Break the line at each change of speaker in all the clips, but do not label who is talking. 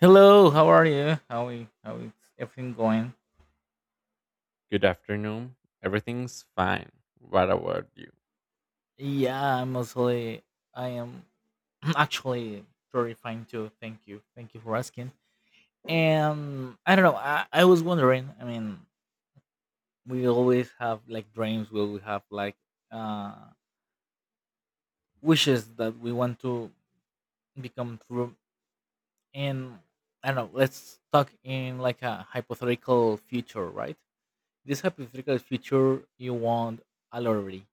Hello, how are you? How is everything going?
Good afternoon. Everything's fine. What about you?
Yeah, I'm mostly I am actually very fine too. Thank you. Thank you for asking. And I don't know, I was wondering, I mean, we always have like dreams, we always have like uh wishes that we want to become true and I don't know, let's talk in like a hypothetical future, right? This hypothetical future you want a lottery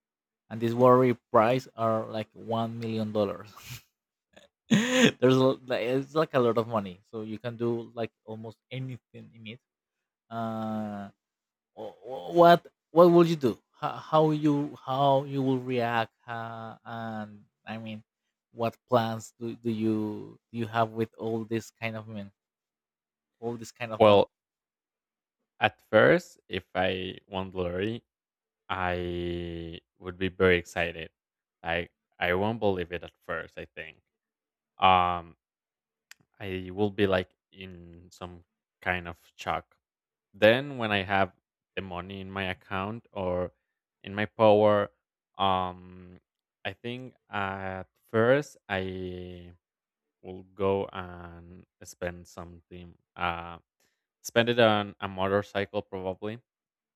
and this worry price are like 1 million dollars. There's a, like, it's like a lot of money, so you can do like almost anything in it. Uh, what will you do? How you will react? And I mean, what plans do you have with all this kind of men, all this kind of money?
Well, at first, if I won the lottery, I would be very excited. I I won't believe it at first, I think. Um I will be like in some kind of shock. Then when I have the money in my account or in my power, um I think at first I will go and spend something spend it on a motorcycle probably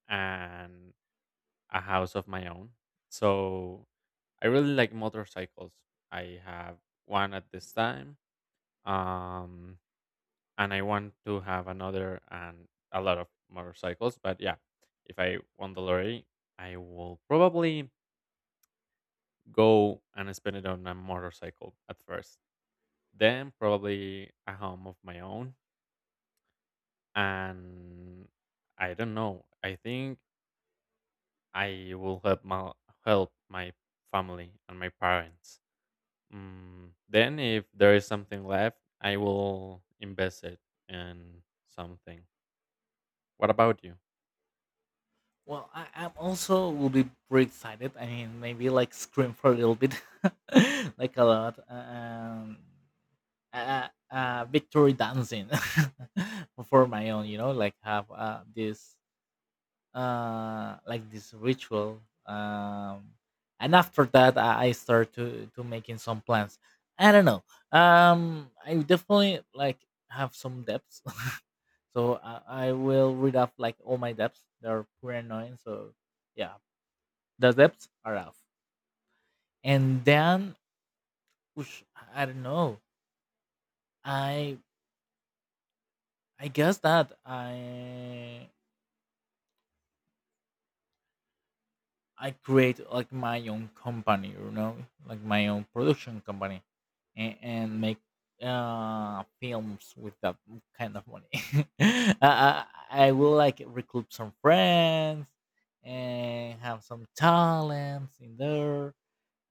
and a house of my own. So I really like motorcycles. I have one at this time. um and I want to have another and a lot of motorcycles. But yeah, if I won the lottery, I will probably go and spend it on a motorcycle at first, then probably a home of my own. And I don't know. I think I will help my family and my parents. Then, if there is something left, I will invest it in something. What about you?
Well, I, I'm also will be pretty excited. I mean, maybe like scream for a little bit, like a lot. Victory dancing for my own, you know, like have this like this ritual. um and after that I start to making some plans. I don't know, I definitely like have some debts. So I will read off like all my debts. They're pretty annoying, so yeah, the debts are off. And then oosh, I don't know, i I guess that I create like my own company, you know, like my own production company, and make films with that kind of money. I will like recruit some friends and have some talents in there.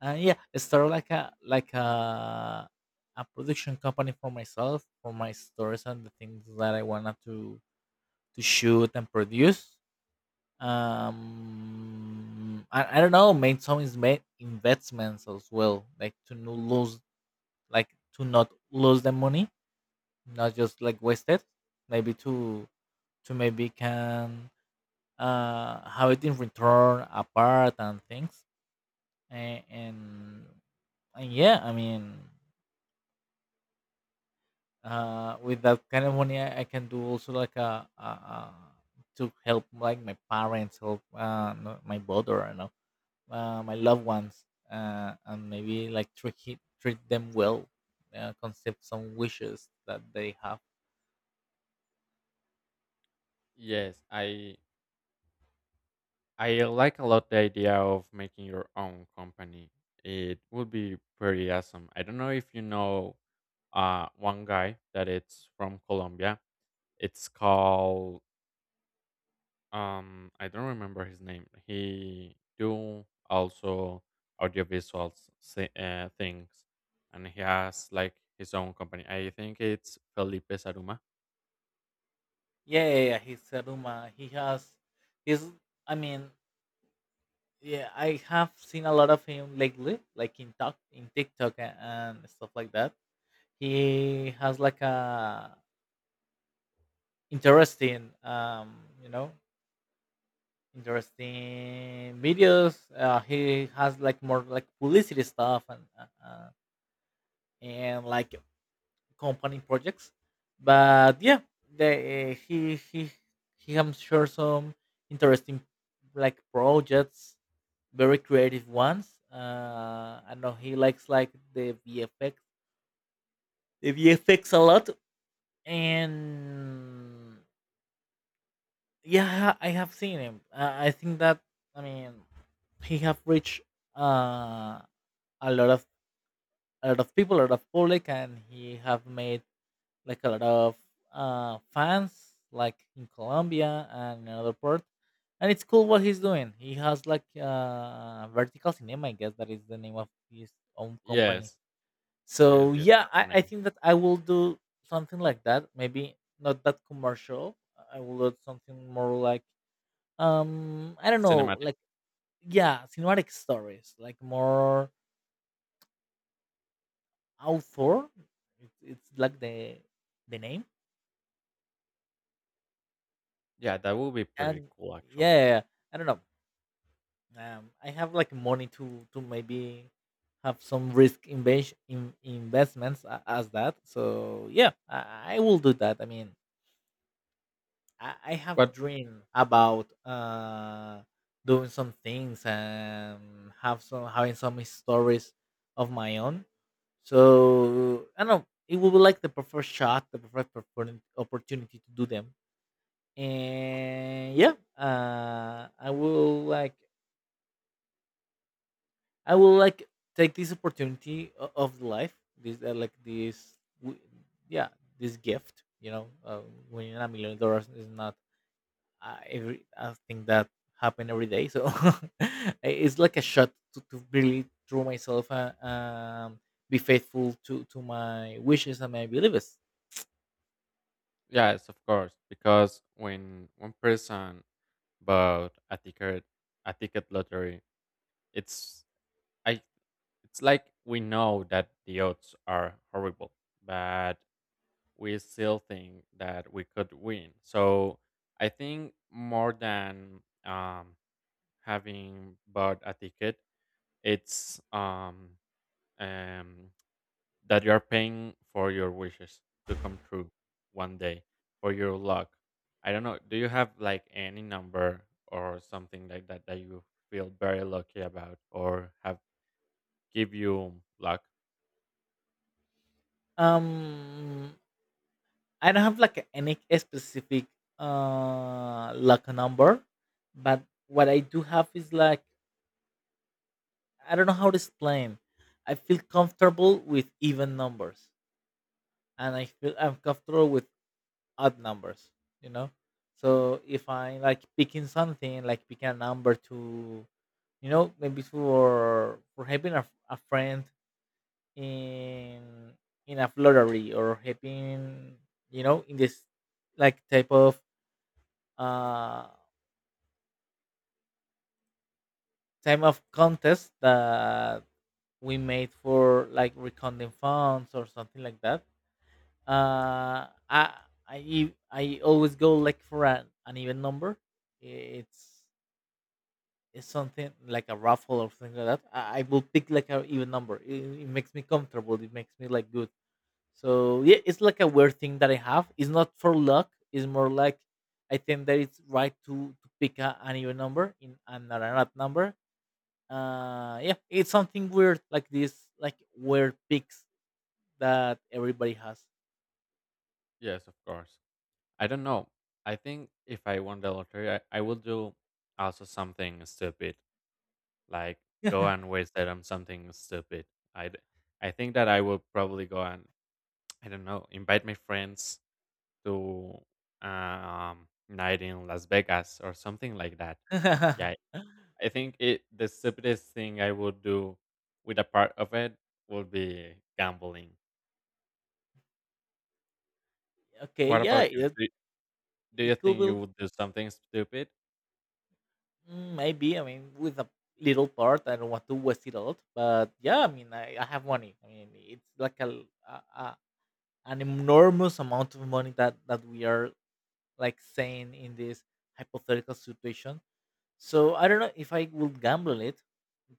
And yeah, start like a production company for myself, for my stories and the things that I wanted to shoot and produce. I don't know, made some is made investments as well, like to not lose, like to not lose the money, not just like waste it. Maybe to maybe can have it in return apart and things. and and, and yeah, I mean, with that kind of money, I can do also like a to help like my parents, help my brother and all my loved ones, and maybe like treat them well, concede some wishes that they have.
Yes, I like a lot the idea of making your own company. It would be pretty awesome. I don't know if you know one guy that it's from Colombia. It's called. I don't remember his name. He do also audiovisual things, and he has like his own company. I think it's Felipe Saruma.
Yeah, yeah, yeah. He's Seruma. He has. He's. I mean, yeah. I have seen a lot of him lately, like in talk in TikTok and stuff like that. He has like a interesting, you know, interesting videos. He has like more like publicity stuff and like company projects. But yeah, the, he has shared some interesting like projects, very creative ones. I know he likes like the VFX, the VFX a lot, and yeah, I have seen him. I think that I mean he have reached uh, a lot of people, a lot of public, and he have made like a lot of fans, like in Colombia and another part. And it's cool what he's doing. He has like Vertical Cinema, I guess that is the name of his own company.
Yes, yes,
So
yes.
yeah,
That's the
I
name.
think that I will do something like that. Maybe not that commercial. I will do something more like I don't know,
Cinematic.
like yeah, cinematic stories, like more author. It's like the name.
Yeah, that would be pretty
And
cool actually.
yeah, yeah, yeah, I don't know. I have like money to maybe have some risk investments as that. So yeah, I will do that. I mean, I have
But
dream about doing some things and have some having some stories of my own. So I don't know. It will be like the perfect shot, the opportunity to do them. And yeah, I will like. I will like take this opportunity of life, this w- yeah, this gift. You know, winning $1 million is not every a thing that happen every day. So it's like a shot to really throw myself and be faithful to my wishes and my beliefs.
yes, of course, because when one person bought a ticket lottery, it's I. It's like we know that the odds are horrible, but we still think that we could win. So I think more than having bought a ticket, it's um, that you are paying for your wishes to come true one day for your luck. I don't know. Do you have like any number or something like that that you feel very lucky about or have give you luck?
Um, I don't have like any specific like a number, but what I do have is like I don't know how to explain. I feel comfortable with even numbers, and I feel I'm comfortable with odd numbers. You know, so if I like picking something, like picking a number to, you know, maybe for helping a friend in in a lottery or helping, you know, in this like type of uh time of contest that we made for like recounting funds or something like that, uh i i I always go like for an even number. it's it's something like a raffle or something like that. I will pick like an even number. It makes me comfortable, it makes me like good. So yeah, it's like a weird thing that I have. It's not for luck, it's more like I think that it's right to pick an even number in and not an odd number. Yeah, it's something weird like this, like weird picks that everybody has.
Yes, of course. I don't know. I think if I won the lottery, I would do also something stupid, like go and waste it on something stupid. I I think that I would probably go and I don't know invite my friends to night in Las Vegas or something like that. Yeah, I think it the stupidest thing I would do with a part of it would be gambling.
Okay,
What
yeah,
about you?
it
Do you
it could
think you
be,
would do something stupid?
mm, maybe. I mean, with a little part, I don't want to waste it all. But yeah, I mean, I have money. I mean, it's like a, l- a- an enormous amount of money that we are like saying in this hypothetical situation. So I don't know if I will gamble it,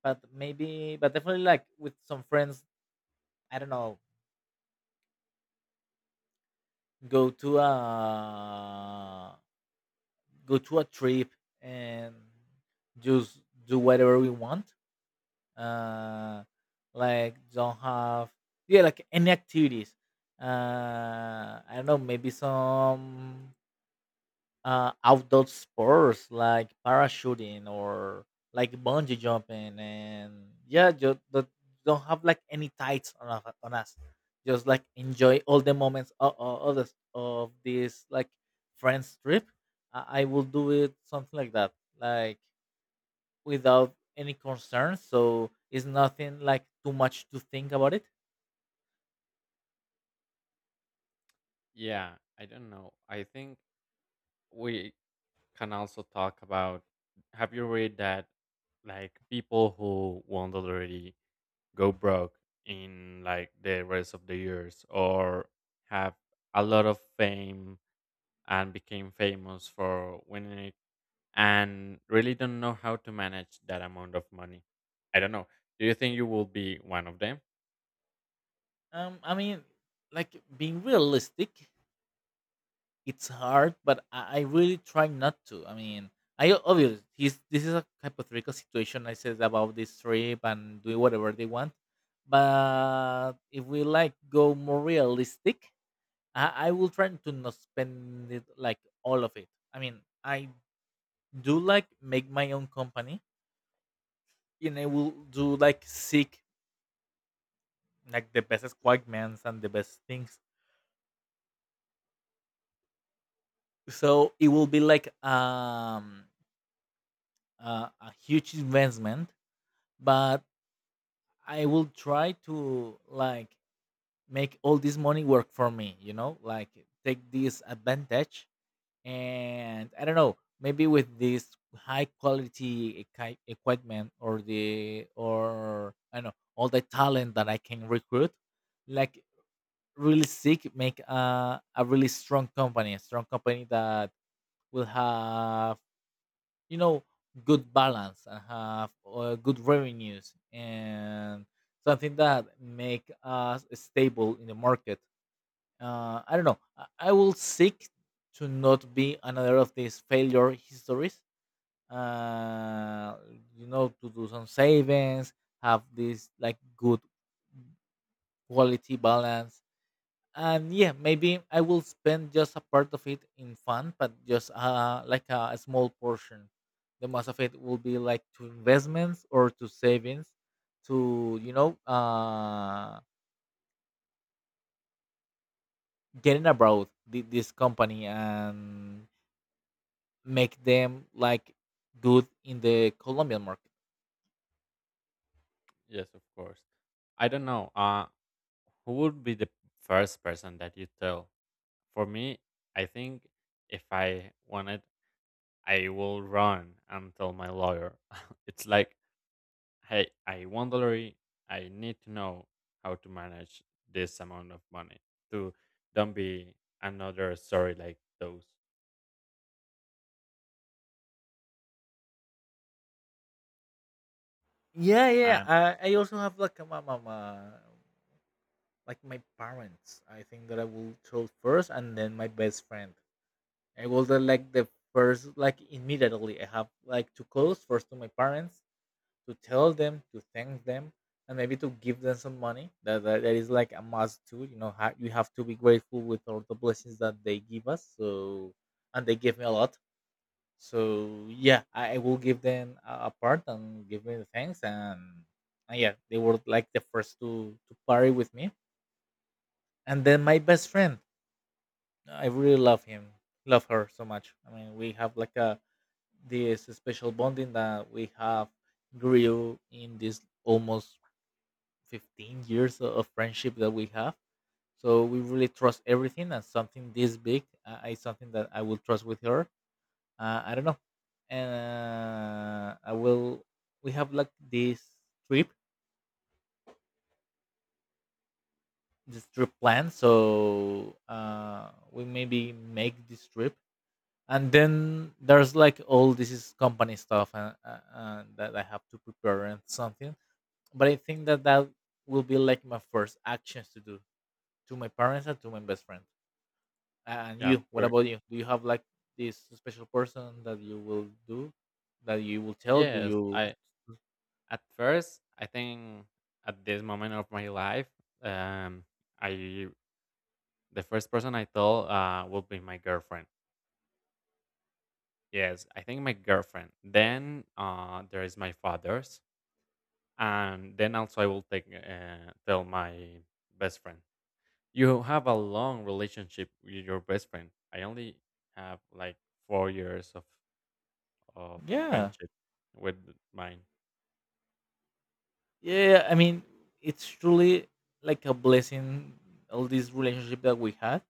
but maybe, but definitely like with some friends. I don't know. Go to a go to a trip and just do whatever we want. uh like don't have yeah like any activities, I don't know, maybe some outdoor sports, like parachuting or like bungee jumping. And yeah, just don't have like any tights on, on us, just like enjoy all the moments of this like friends trip. I will do it something like that, like without any concern, so it's nothing like too much to think about it.
Yeah, I don't know. I think we can also talk about, have you read that like people who won't already go broke in like the rest of the years or have a lot of fame and became famous for winning it and really don't know how to manage that amount of money? I don't know, do you think you will be one of them?
I mean, like being realistic, it's hard, but I really try not to. I mean, this is a hypothetical situation. I said about this trip and do whatever they want, but if we like go more realistic, I will try to not spend it like all of it. I mean, I do like make my own company, and I will do like seek like the best Squagmans and the best things. So it will be like a huge investment, but I will try to like make all this money work for me. You know, like take this advantage, and I don't know, maybe with this high quality equipment or the or I don't know all the talent that I can recruit, like really seek make a really strong company, that will have, you know, good balance and have good revenues and something that make us stable in the market. I don't know. I will seek to not be another of these failure histories. Uh, you know, to do some savings, have this like good quality balance. And yeah, maybe I will spend just a part of it in fun, but just a small portion. The most of it will be like to investments or to savings, to, you know, getting abroad this company and make them like good in the colombian market.
Yes, of course. I don't know. Who would be the first person that you tell? For me, I think if I wanted, I will run and tell my lawyer. It's like, hey, I won the lottery. I need to know how to manage this amount of money to don't be another story like those.
Yeah, yeah,
And
I also have like a, my- like my parents. I think that I will choose first and then my best friend. I was the, like the first, like immediately. I have like to close first to my parents, to tell them, to thank them, and maybe to give them some money. That is like a must too. You know, you have to be grateful with all the blessings that they give us. So and they give me a lot. So yeah, I will give them a part and give me the thanks, and yeah, they were like the first to party with me. And then my best friend, I really love him, love her so much. I mean, we have like a this special bonding that we have grew in this almost 15 years of friendship that we have, so we really trust everything, and something this big is something that I will trust with her. I don't know. And I will, we have like this trip, this trip plan, so we maybe make this trip. And then there's like all this is company stuff, and that I have to prepare and something. But I think that will be like my first actions to do, to my parents and to my best friend. And
yeah,
you, what
but
about you? Do you have like this special person that you will do, that you will tell? Do
yes,
you?
I at first I think at this moment of my life, um, I the first person I tell will be my girlfriend. Yes, I think my girlfriend. Then there is my father's, and then also I will take tell my best friend. You have a long relationship with your best friend. I only have like 4 years of
Yeah,
friendship with mine.
yeah. I mean, it's truly like a blessing. All this relationship that we had,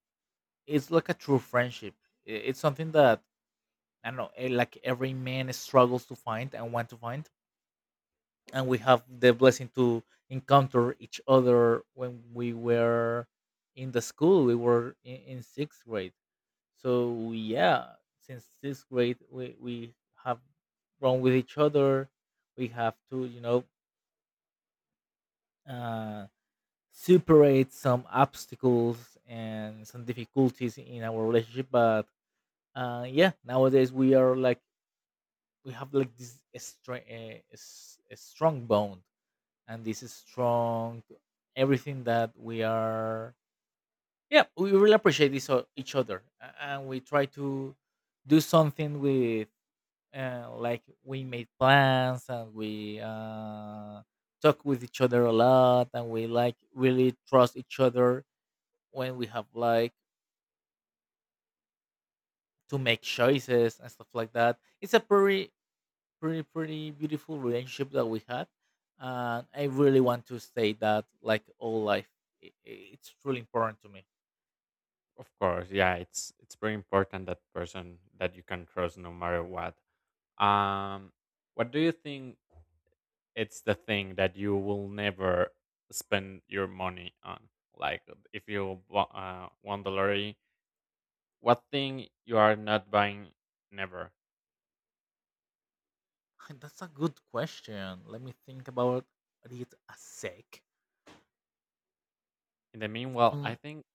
it's like a true friendship. It's something that I don't know, like every man struggles to find and want to find, and we have the blessing to encounter each other when we were in the school we were in sixth grade. So yeah, since sixth grade we have grown with each other. We have to, you know, uh, superate some obstacles and some difficulties in our relationship, but yeah, nowadays we are like, we have like this a strong bond, and this is strong, everything that we are. Yeah, we really appreciate each other, and we try to do something with, like we made plans, and we talk with each other a lot, and we like really trust each other when we have like to make choices and stuff like that. It's a pretty pretty beautiful relationship that we had, and I really want to stay that like all life. It's truly important to me.
Of course, yeah, it's very important that person that you can trust no matter what. Um, what do you think it's the thing that you will never spend your money on? Like if won the lottery, what thing you are not buying? Never.
That's a good question. Let me think about it a sec.
In the meanwhile, I
Mm,
think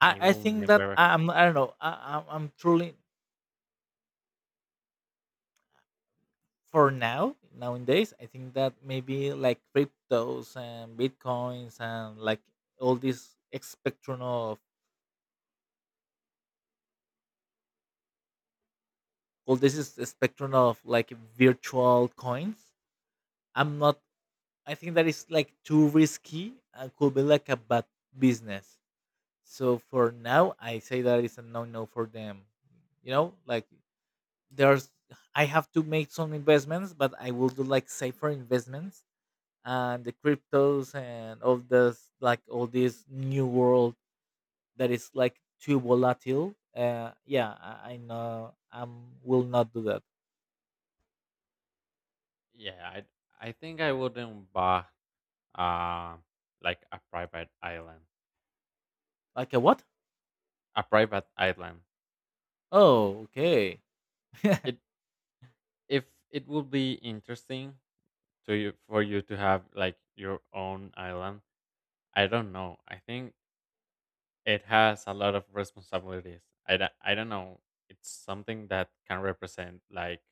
I,
I
I
will
think that
never.
I don't know, I'm truly, for now, nowadays I think that maybe like cryptos and bitcoins and like all this spectrum of all this is spectrum of like virtual coins. I'm not, I think that is like too risky and could be like a bad business. So for now, I say that it's a no no for them. You know, like there's, I have to make some investments, but I will do like safer investments. And the cryptos and all this, like all this new world, that is like too volatile. Yeah, I know I am will not do that.
Yeah, I think I wouldn't buy uh like a private island.
Like a what?
A private island.
Oh, okay.
It if it would be interesting to you for you to have like your own island. I don't know. I think it has a lot of responsibilities. I don't know. It's something that can represent like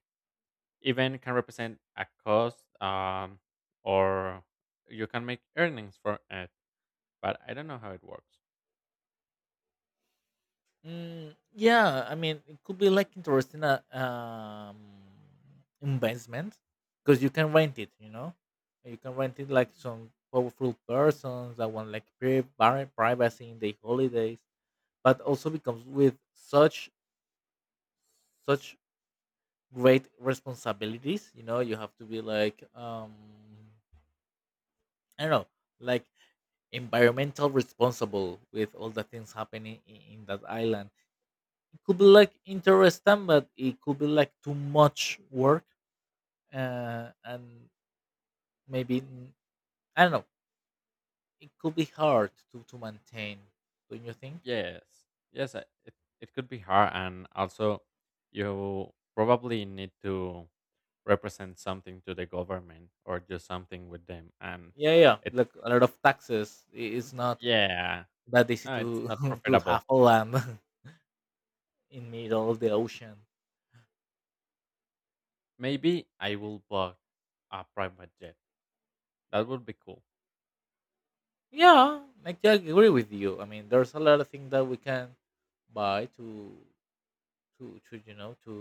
even can represent a cost or you can make earnings for it, but I don't know how it works.
Mm, yeah, I mean, it could be like interesting investment because you can rent it, you know, you can rent it like some powerful persons that want like privacy in their holidays, but also becomes with such great responsibilities. You know, you have to be like, I don't know, like environmental responsible with all the things happening in that island. It could be like interesting, but it could be like too much work, and maybe I don't know, it could be hard to maintain, don't you think?
Yes. Yes, it could be hard and also you probably need to represent something to the government or do something with them. And
Yeah, yeah,
it's
like a lot of taxes, it's not
yeah,
that easy
no,
to
it's not
to have
profitable.
a land in middle of the ocean.
Maybe I will book a private jet. That would be cool.
Yeah, like I agree with you. I mean, there's a lot of things that we can buy to to you know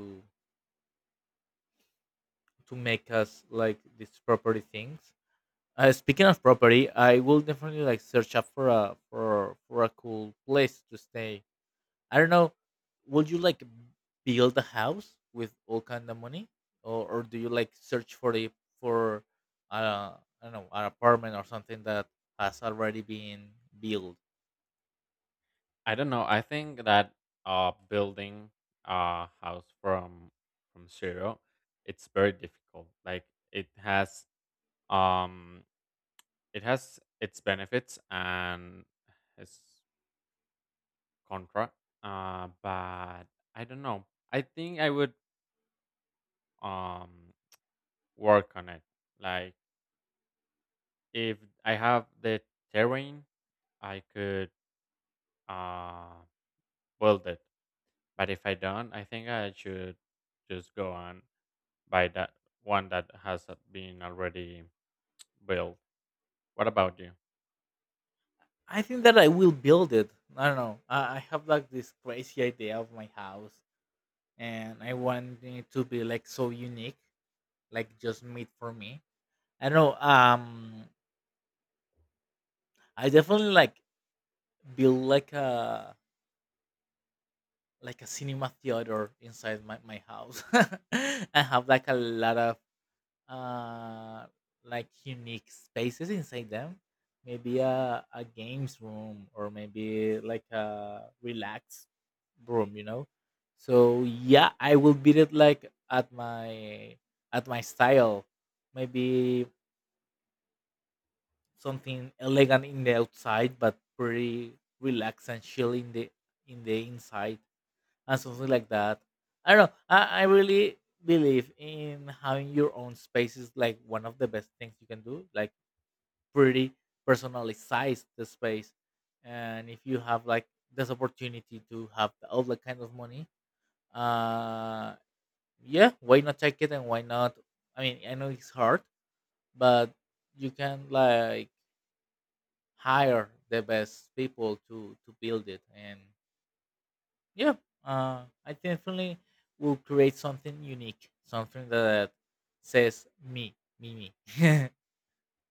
to make us like these property things. Speaking of property, I will definitely like search up for a for a cool place to stay. I don't know. Would you like build a house with all kind of money, or do you like search for the, for, uh, I don't know, an apartment or something that has already been built?
I don't know. I think that building a house from zero, it's very difficult. Like it has um it has its benefits and its contra. But I don't know. I think I would um work on it. Like if I have the terrain I could uh build it. But if I don't, I think I should just go on buy that one that has been already built. What about you?
I think that I will build it. I don't know. I have like this crazy idea of my house, and I want it to be like so unique, like just made for me. I don't know. I definitely like build like a cinema theater inside my house. I have like a lot of uh like unique spaces inside them. Maybe a games room, or maybe like a relaxed room, you know. So yeah, I will build it like at my style. Maybe something elegant in the outside but pretty relaxed and chill in the inside and something like that. I don't know, I really believe in having your own space is like one of the best things you can do, like pretty personalized the space. And if you have like this opportunity to have all the kind of money, uh yeah, why not take it, and why not, I mean, I know it's hard, but you can like hire the best people to build it. And yeah, I definitely will create something unique, something that says me me.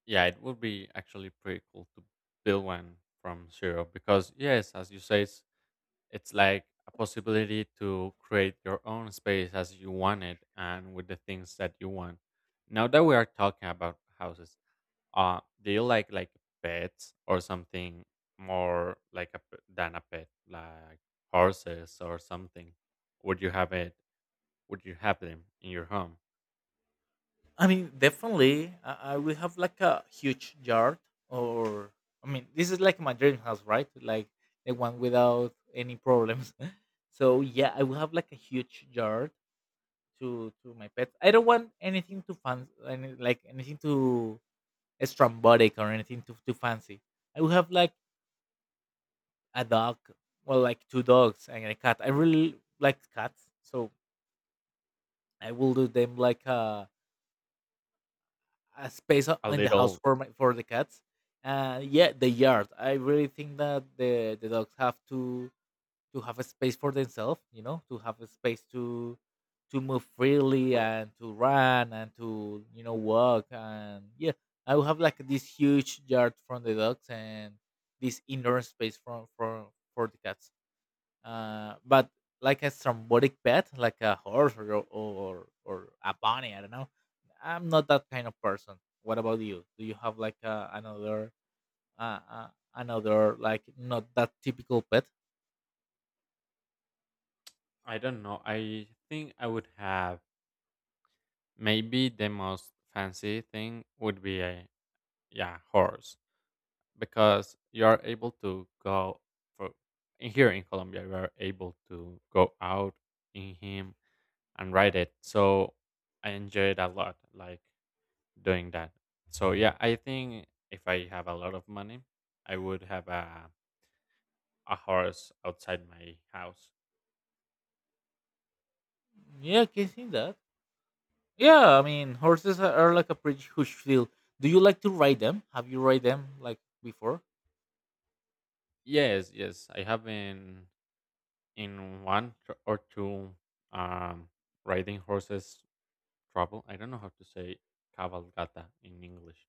Yeah, it would be actually pretty cool to build one from zero because yes, as you say, it's like a possibility to create your own space as you want it and with the things that you want. Now that we are talking about houses, do you like pets or something more like than a pet, like horses or something? Would you have it? Would you have them in your home?
I mean definitely, I will have like a huge yard, or I mean this is like my dream house, right? Like the one without any problems. So yeah, I will have like a huge yard to my pets. I don't want anything to fun, any, like anything to strambotic or anything too fancy. I would have like a dog, well, like two dogs and a cat. I really like cats, so I will do them like a space
A
in the house
little,
for my for the cats. Yeah, the yard. I really think that the dogs have to have a space for themselves, you know, to have a space to move freely and to run and to, you know, walk. And yeah, I will have like this huge yard from the dogs, and this indoor space for for the cats. Uh, but like a thrombotic pet, like a horse or or a bunny, I don't know, I'm not that kind of person. What about you? Do you have like another uh, uh, another like not that typical pet?
I don't know. I think I would have maybe the most fancy thing would be a yeah horse because you are able to go for in here in Colombia. You are able to go out in him and ride it. So I enjoy it a lot. Like doing that. So yeah, I think if I have a lot of money, I would have a horse outside my house.
Yeah, I can see that. Yeah, I mean, horses are like a pretty huge deal. Do you like to ride them? Have you ride them like before?
Yes, yes, I have been in one or two um riding horses travel. I don't know how to say cavalgata in English,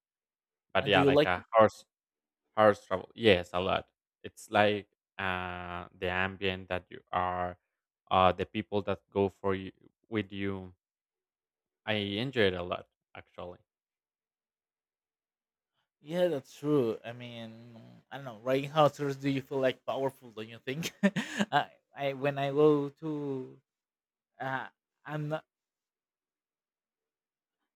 but
And do
yeah,
you
like
like
a
it?
horse travel. Yes, a lot. It's like the ambient that you are, the people that go for you with you. I enjoy it a lot actually.
Yeah, that's true. I mean, I don't know. Riding horses, do you feel like powerful? Don't you think? I when I go to, uh, I'm not.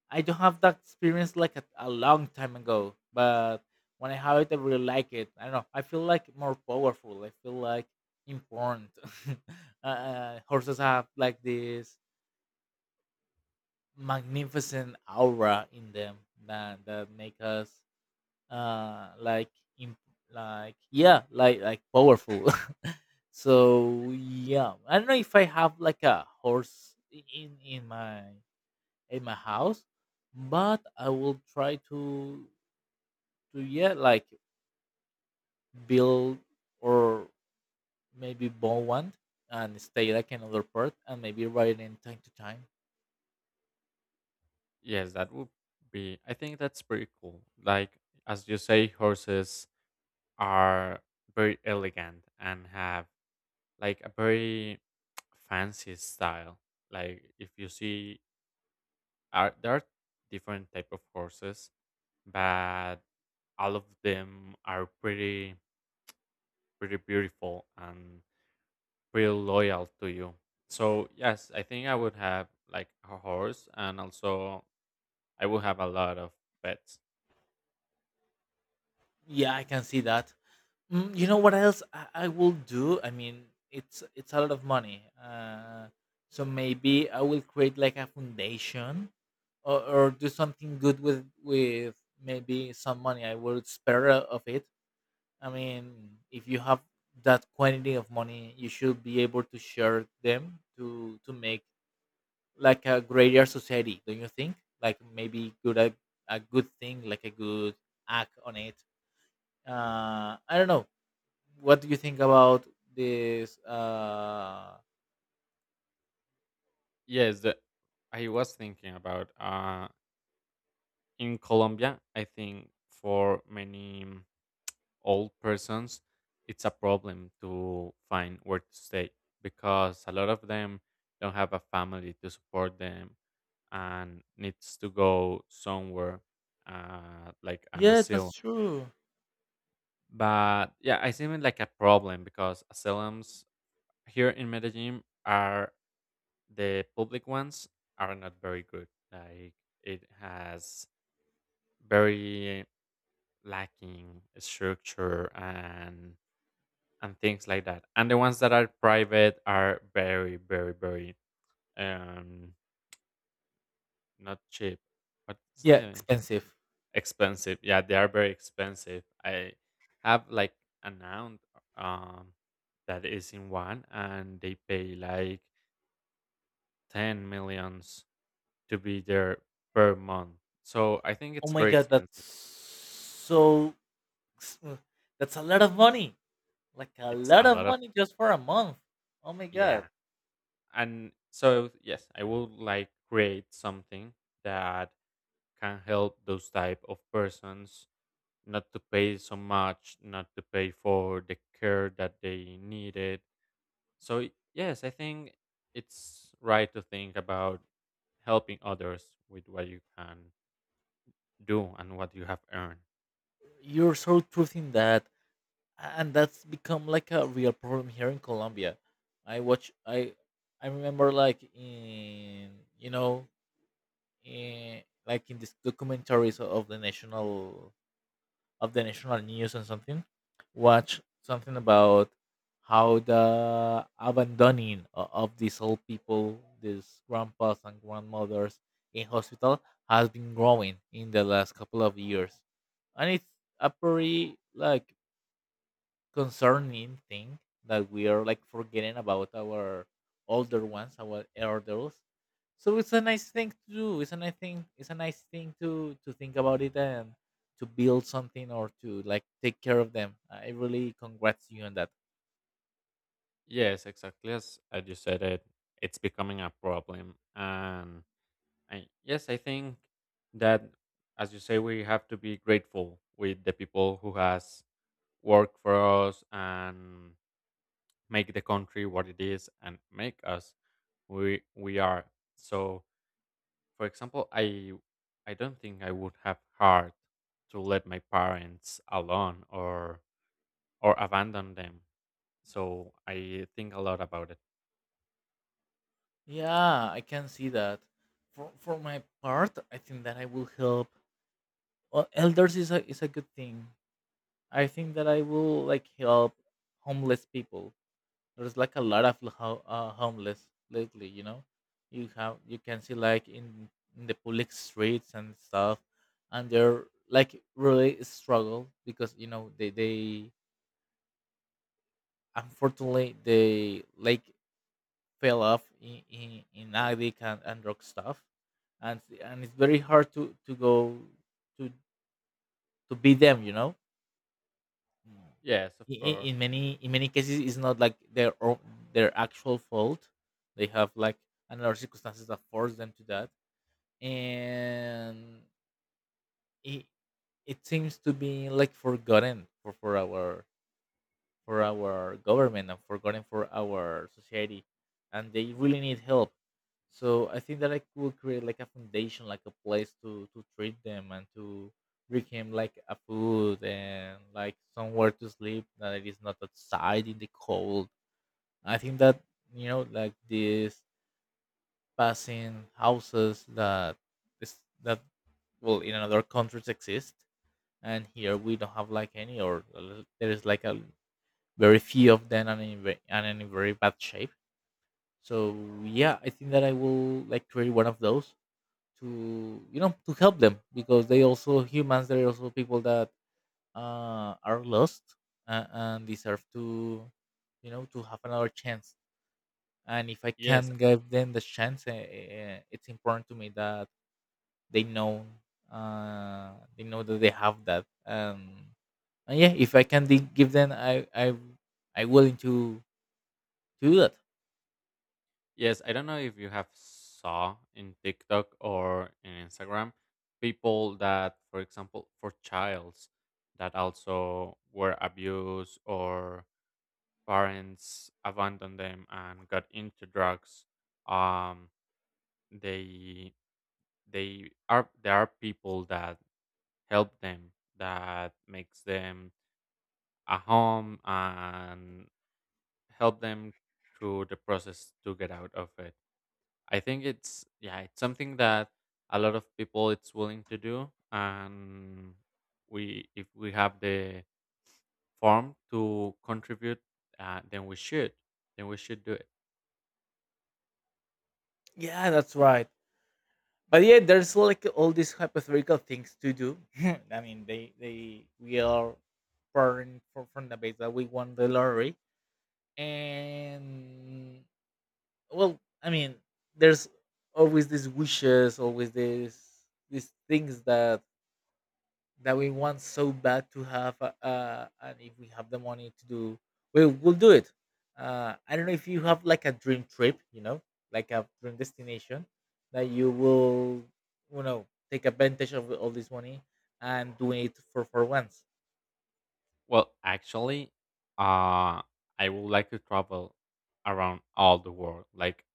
I don't have that experience like a long time ago, but when I have it, I really like it. I don't know. I feel like more powerful. I feel like important. Uh, horses have like this magnificent aura in them that make us like imp- like yeah like powerful. So yeah, I don't know if I have like a horse, in my house, but I will try to yeah like build or maybe buy one and stay like another part and maybe ride in time to time.
Yes, that would be. I think that's pretty cool. Like as you say, horses are very elegant and have like a very fancy style. Like if you see, are there are different type of horses, but all of them are pretty beautiful and pretty loyal to you. So yes, I think I would have like a horse, and also I would have a lot of pets.
Yeah, I can see that. Mm, you know what else I will do? I mean, it's a lot of money. So maybe I will create like a foundation, or do something good with maybe some money I will spare of it. I mean, if you have that quantity of money, you should be able to share them to make like a greater society. Don't you think? Like maybe good a good thing, like a good act on it. I don't know, what do you think about this?
Yes, I was thinking about in Colombia. I think for many old persons, it's a problem to find where to stay because a lot of them don't have a family to support them and needs to go somewhere like an
Yeah,
asylum.
that's true.
But yeah, I see it like a problem because asylums here in Medellin are, the public ones are not very good. Like it has very lacking structure and things like that. And the ones that are private are very, very, very um not cheap. What's
Yeah,
the
expensive.
expensive? Yeah, they are very expensive. I have like an aunt um that is in one and they pay like 10 millions to be there per month. So I think
Oh
it's
my
very
god, that's
expensive.
so ex- uh, that's a lot of money. Like a
It's
lot
a
of
lot of,
money just for a month. Oh my god.
yeah. And so yes, I would like create something that can help those type of persons, not to pay so much, not to pay for the care that they needed. So yes I think it's right to think about helping others with what you can do and what you have earned.
You're so truth in that. And that's become like a real problem here in Colombia. I watch I I remember like in, you know, in like in these documentaries of the national news and something, watch something about how the abandoning of these old people, these grandpas and grandmothers in hospital has been growing in the last couple of years. And it's a pretty like concerning thing, that we are like forgetting about our older ones, our elders. So it's a nice thing to do. It's a nice thing. It's a nice thing to think about it and to build something, or to like take care of them. I really congrats you on that.
Yes, exactly, as you said it, it's becoming a problem. And I, yes, I think that, as you say, we have to be grateful with the people who has worked for us and make the country what it is and make us we are. So, for example, I don't think I would have heart to let my parents alone or abandon them. So I think a lot about it.
Yeah, I can see that. For my part, I think that I will help. Well, elders is a good thing. I think that I will like help homeless people. There's like a lot of homeless lately, you know. You have you can see like in the public streets and stuff, and they're like really struggle because, you know, they unfortunately they like fell off in in addict and drug stuff, and it's very hard to go to to be them, you know. Mm.
Yes, of
I- i-
course.
in many in many cases it's not like their actual fault. They have like another circumstances that force them to that. And it, it seems to be like forgotten for our for our government and for forgotten for our society, and they really need help. So I think that I could create like a foundation, like a place to treat them and to bring him like a food and like somewhere to sleep that it is not outside in the cold. I think that, you know, like these passing houses that is that well in another countries exist. And here we don't have like any, or there is like a very few of them, and are in very bad shape. So yeah, I think that I will like create one of those to, you know, to help them because they also humans. They're also people that are lost, and deserve to, you know, to have another chance. And if I
Yes,
can give them the chance, it's important to me that they know, uh, they know that they have that. And yeah, if I can give them, I I'm willing to do that.
Yes, I don't know if you have saw in TikTok or in Instagram people that, for example, for childs that also were abused or parents abandoned them and got into drugs. Um, they they are there are people that help them, that makes them a home and help them through the process to get out of it. I think it's, yeah, it's something that a lot of people it's willing to do, and we if we have the form to contribute, then we should do it.
Yeah, that's right. But yeah, there's like all these hypothetical things to do. I mean, they we are born from the base that we won the lottery, and well, I mean, there's always these wishes, always these things that we want so bad to have, and if we have the money to do, we will do it. I don't know if you have like a dream trip, you know, like a dream destination that you will, you know, take advantage of all this money and doing it for once.
Well, actually, uh, I would like to travel around all the world, like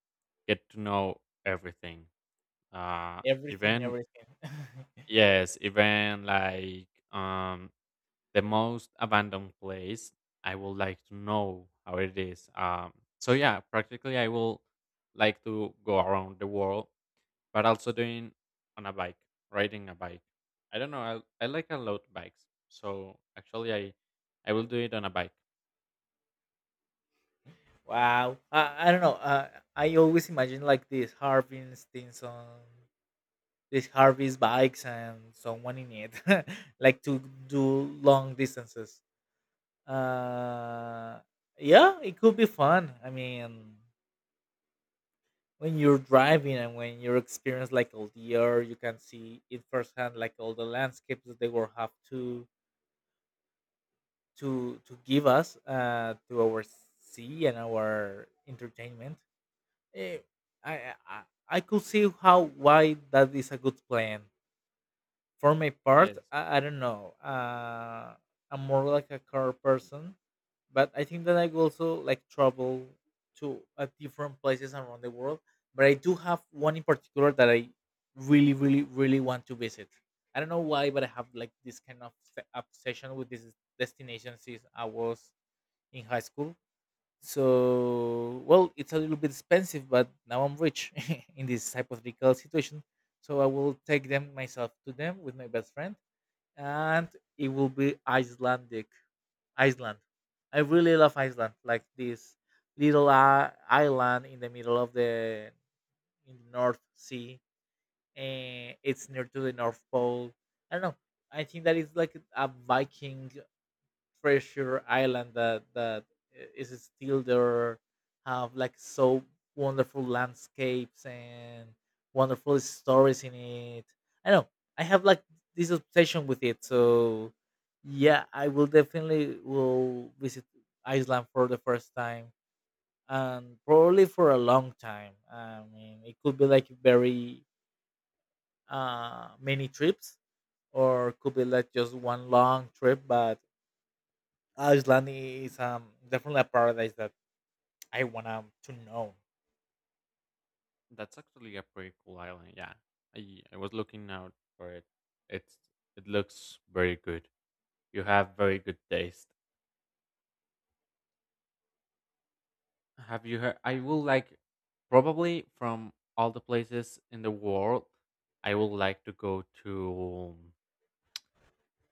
get to know everything. Uh,
Everything,
Even
everything.
yes, even like the most abandoned place I would like to know how it is. So yeah, practically I will like to go around the world but also doing on a bike, riding a bike. I don't know, I like a lot bikes. So actually I will do it on a bike.
Wow, I don't know. I always imagine like these harveys things on these harvest bikes and someone in it like to do long distances. Uh, yeah, it could be fun. I mean, when you're driving and when you experience like all the air, you can see it firsthand, like all the landscapes that they will have to give us, to our sea and our entertainment. Eh, I, I I I could see how why that is a good plan. For my part,
Yes,
I don't know. I'm more like a car person, but I think that I will also like travel to, different places around the world. But I do have one in particular that I really, really, really want to visit. I don't know why, but I have like this kind of obsession with these destinations since I was in high school. So, well, it's a little bit expensive, but now I'm rich in this hypothetical situation. So I will take them myself to them with my best friend, and it will be Icelandic. Iceland. I really love Iceland, like this little island in the middle of the in the North Sea. And it's near to the North Pole. I don't know. I think that it's like a Viking treasure island that is still there, have like so wonderful landscapes and wonderful stories in it. I know I have like this obsession with it, so yeah, I will definitely will visit Iceland for the first time, and probably for a long time. I mean, it could be like very many trips, or could be like just one long trip. But Iceland is definitely a paradise that I want, to know.
that's actually a pretty cool island. Yeah, I was looking out for it. it's it looks very good. You have very good taste. Have you heard? I would like, probably from all the places in the world, I would like to go to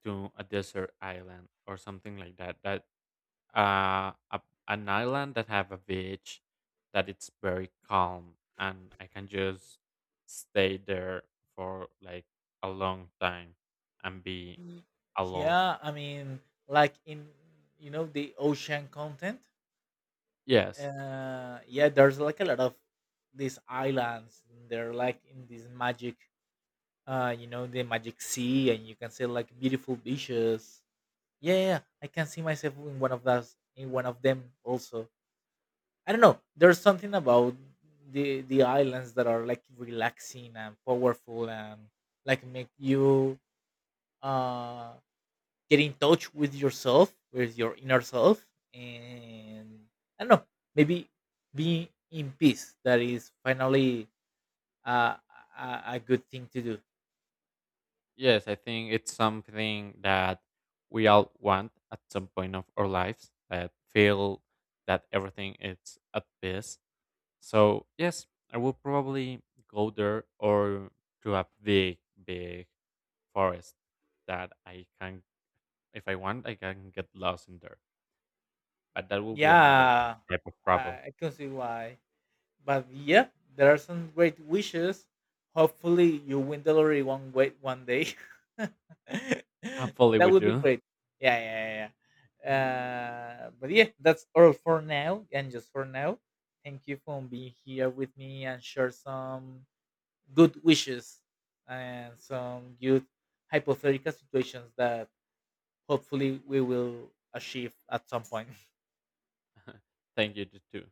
to a desert island or something like that. Uh, a, an island that have a beach that it's very calm and I can just stay there for like a long time and be
Y-
alone.
Yeah, I mean, like in, you know, the ocean content.
Yes,
Yeah, there's like a lot of these islands. They're like in this magic, you know, the magic sea, and you can see like beautiful beaches. Yeah, yeah, yeah, I can see myself in one of those, in one of them also. I don't know. There's something about the islands that are like relaxing and powerful and like make you uh get in touch with yourself, with your inner self, and I don't know. Maybe being in peace. That is finally, uh, a good thing to do.
Yes, I think it's something that we all want at some point of our lives that feel that everything is at peace. So, yes, I will probably go there or to a big, big forest that I can, if I want, I can get lost in there. But that will be another
Yeah,
type of
I
travel.
I can see why. But yeah, there are some great wishes. Hopefully, you win the lottery one way, one day.
Hopefully,
That
we
would be
do.
great. Yeah, yeah, yeah, yeah. But yeah, that's all for now, and just for now. Thank you for being here with me and share some good wishes and some good hypothetical situations that hopefully we will achieve at some point.
Thank you, you too.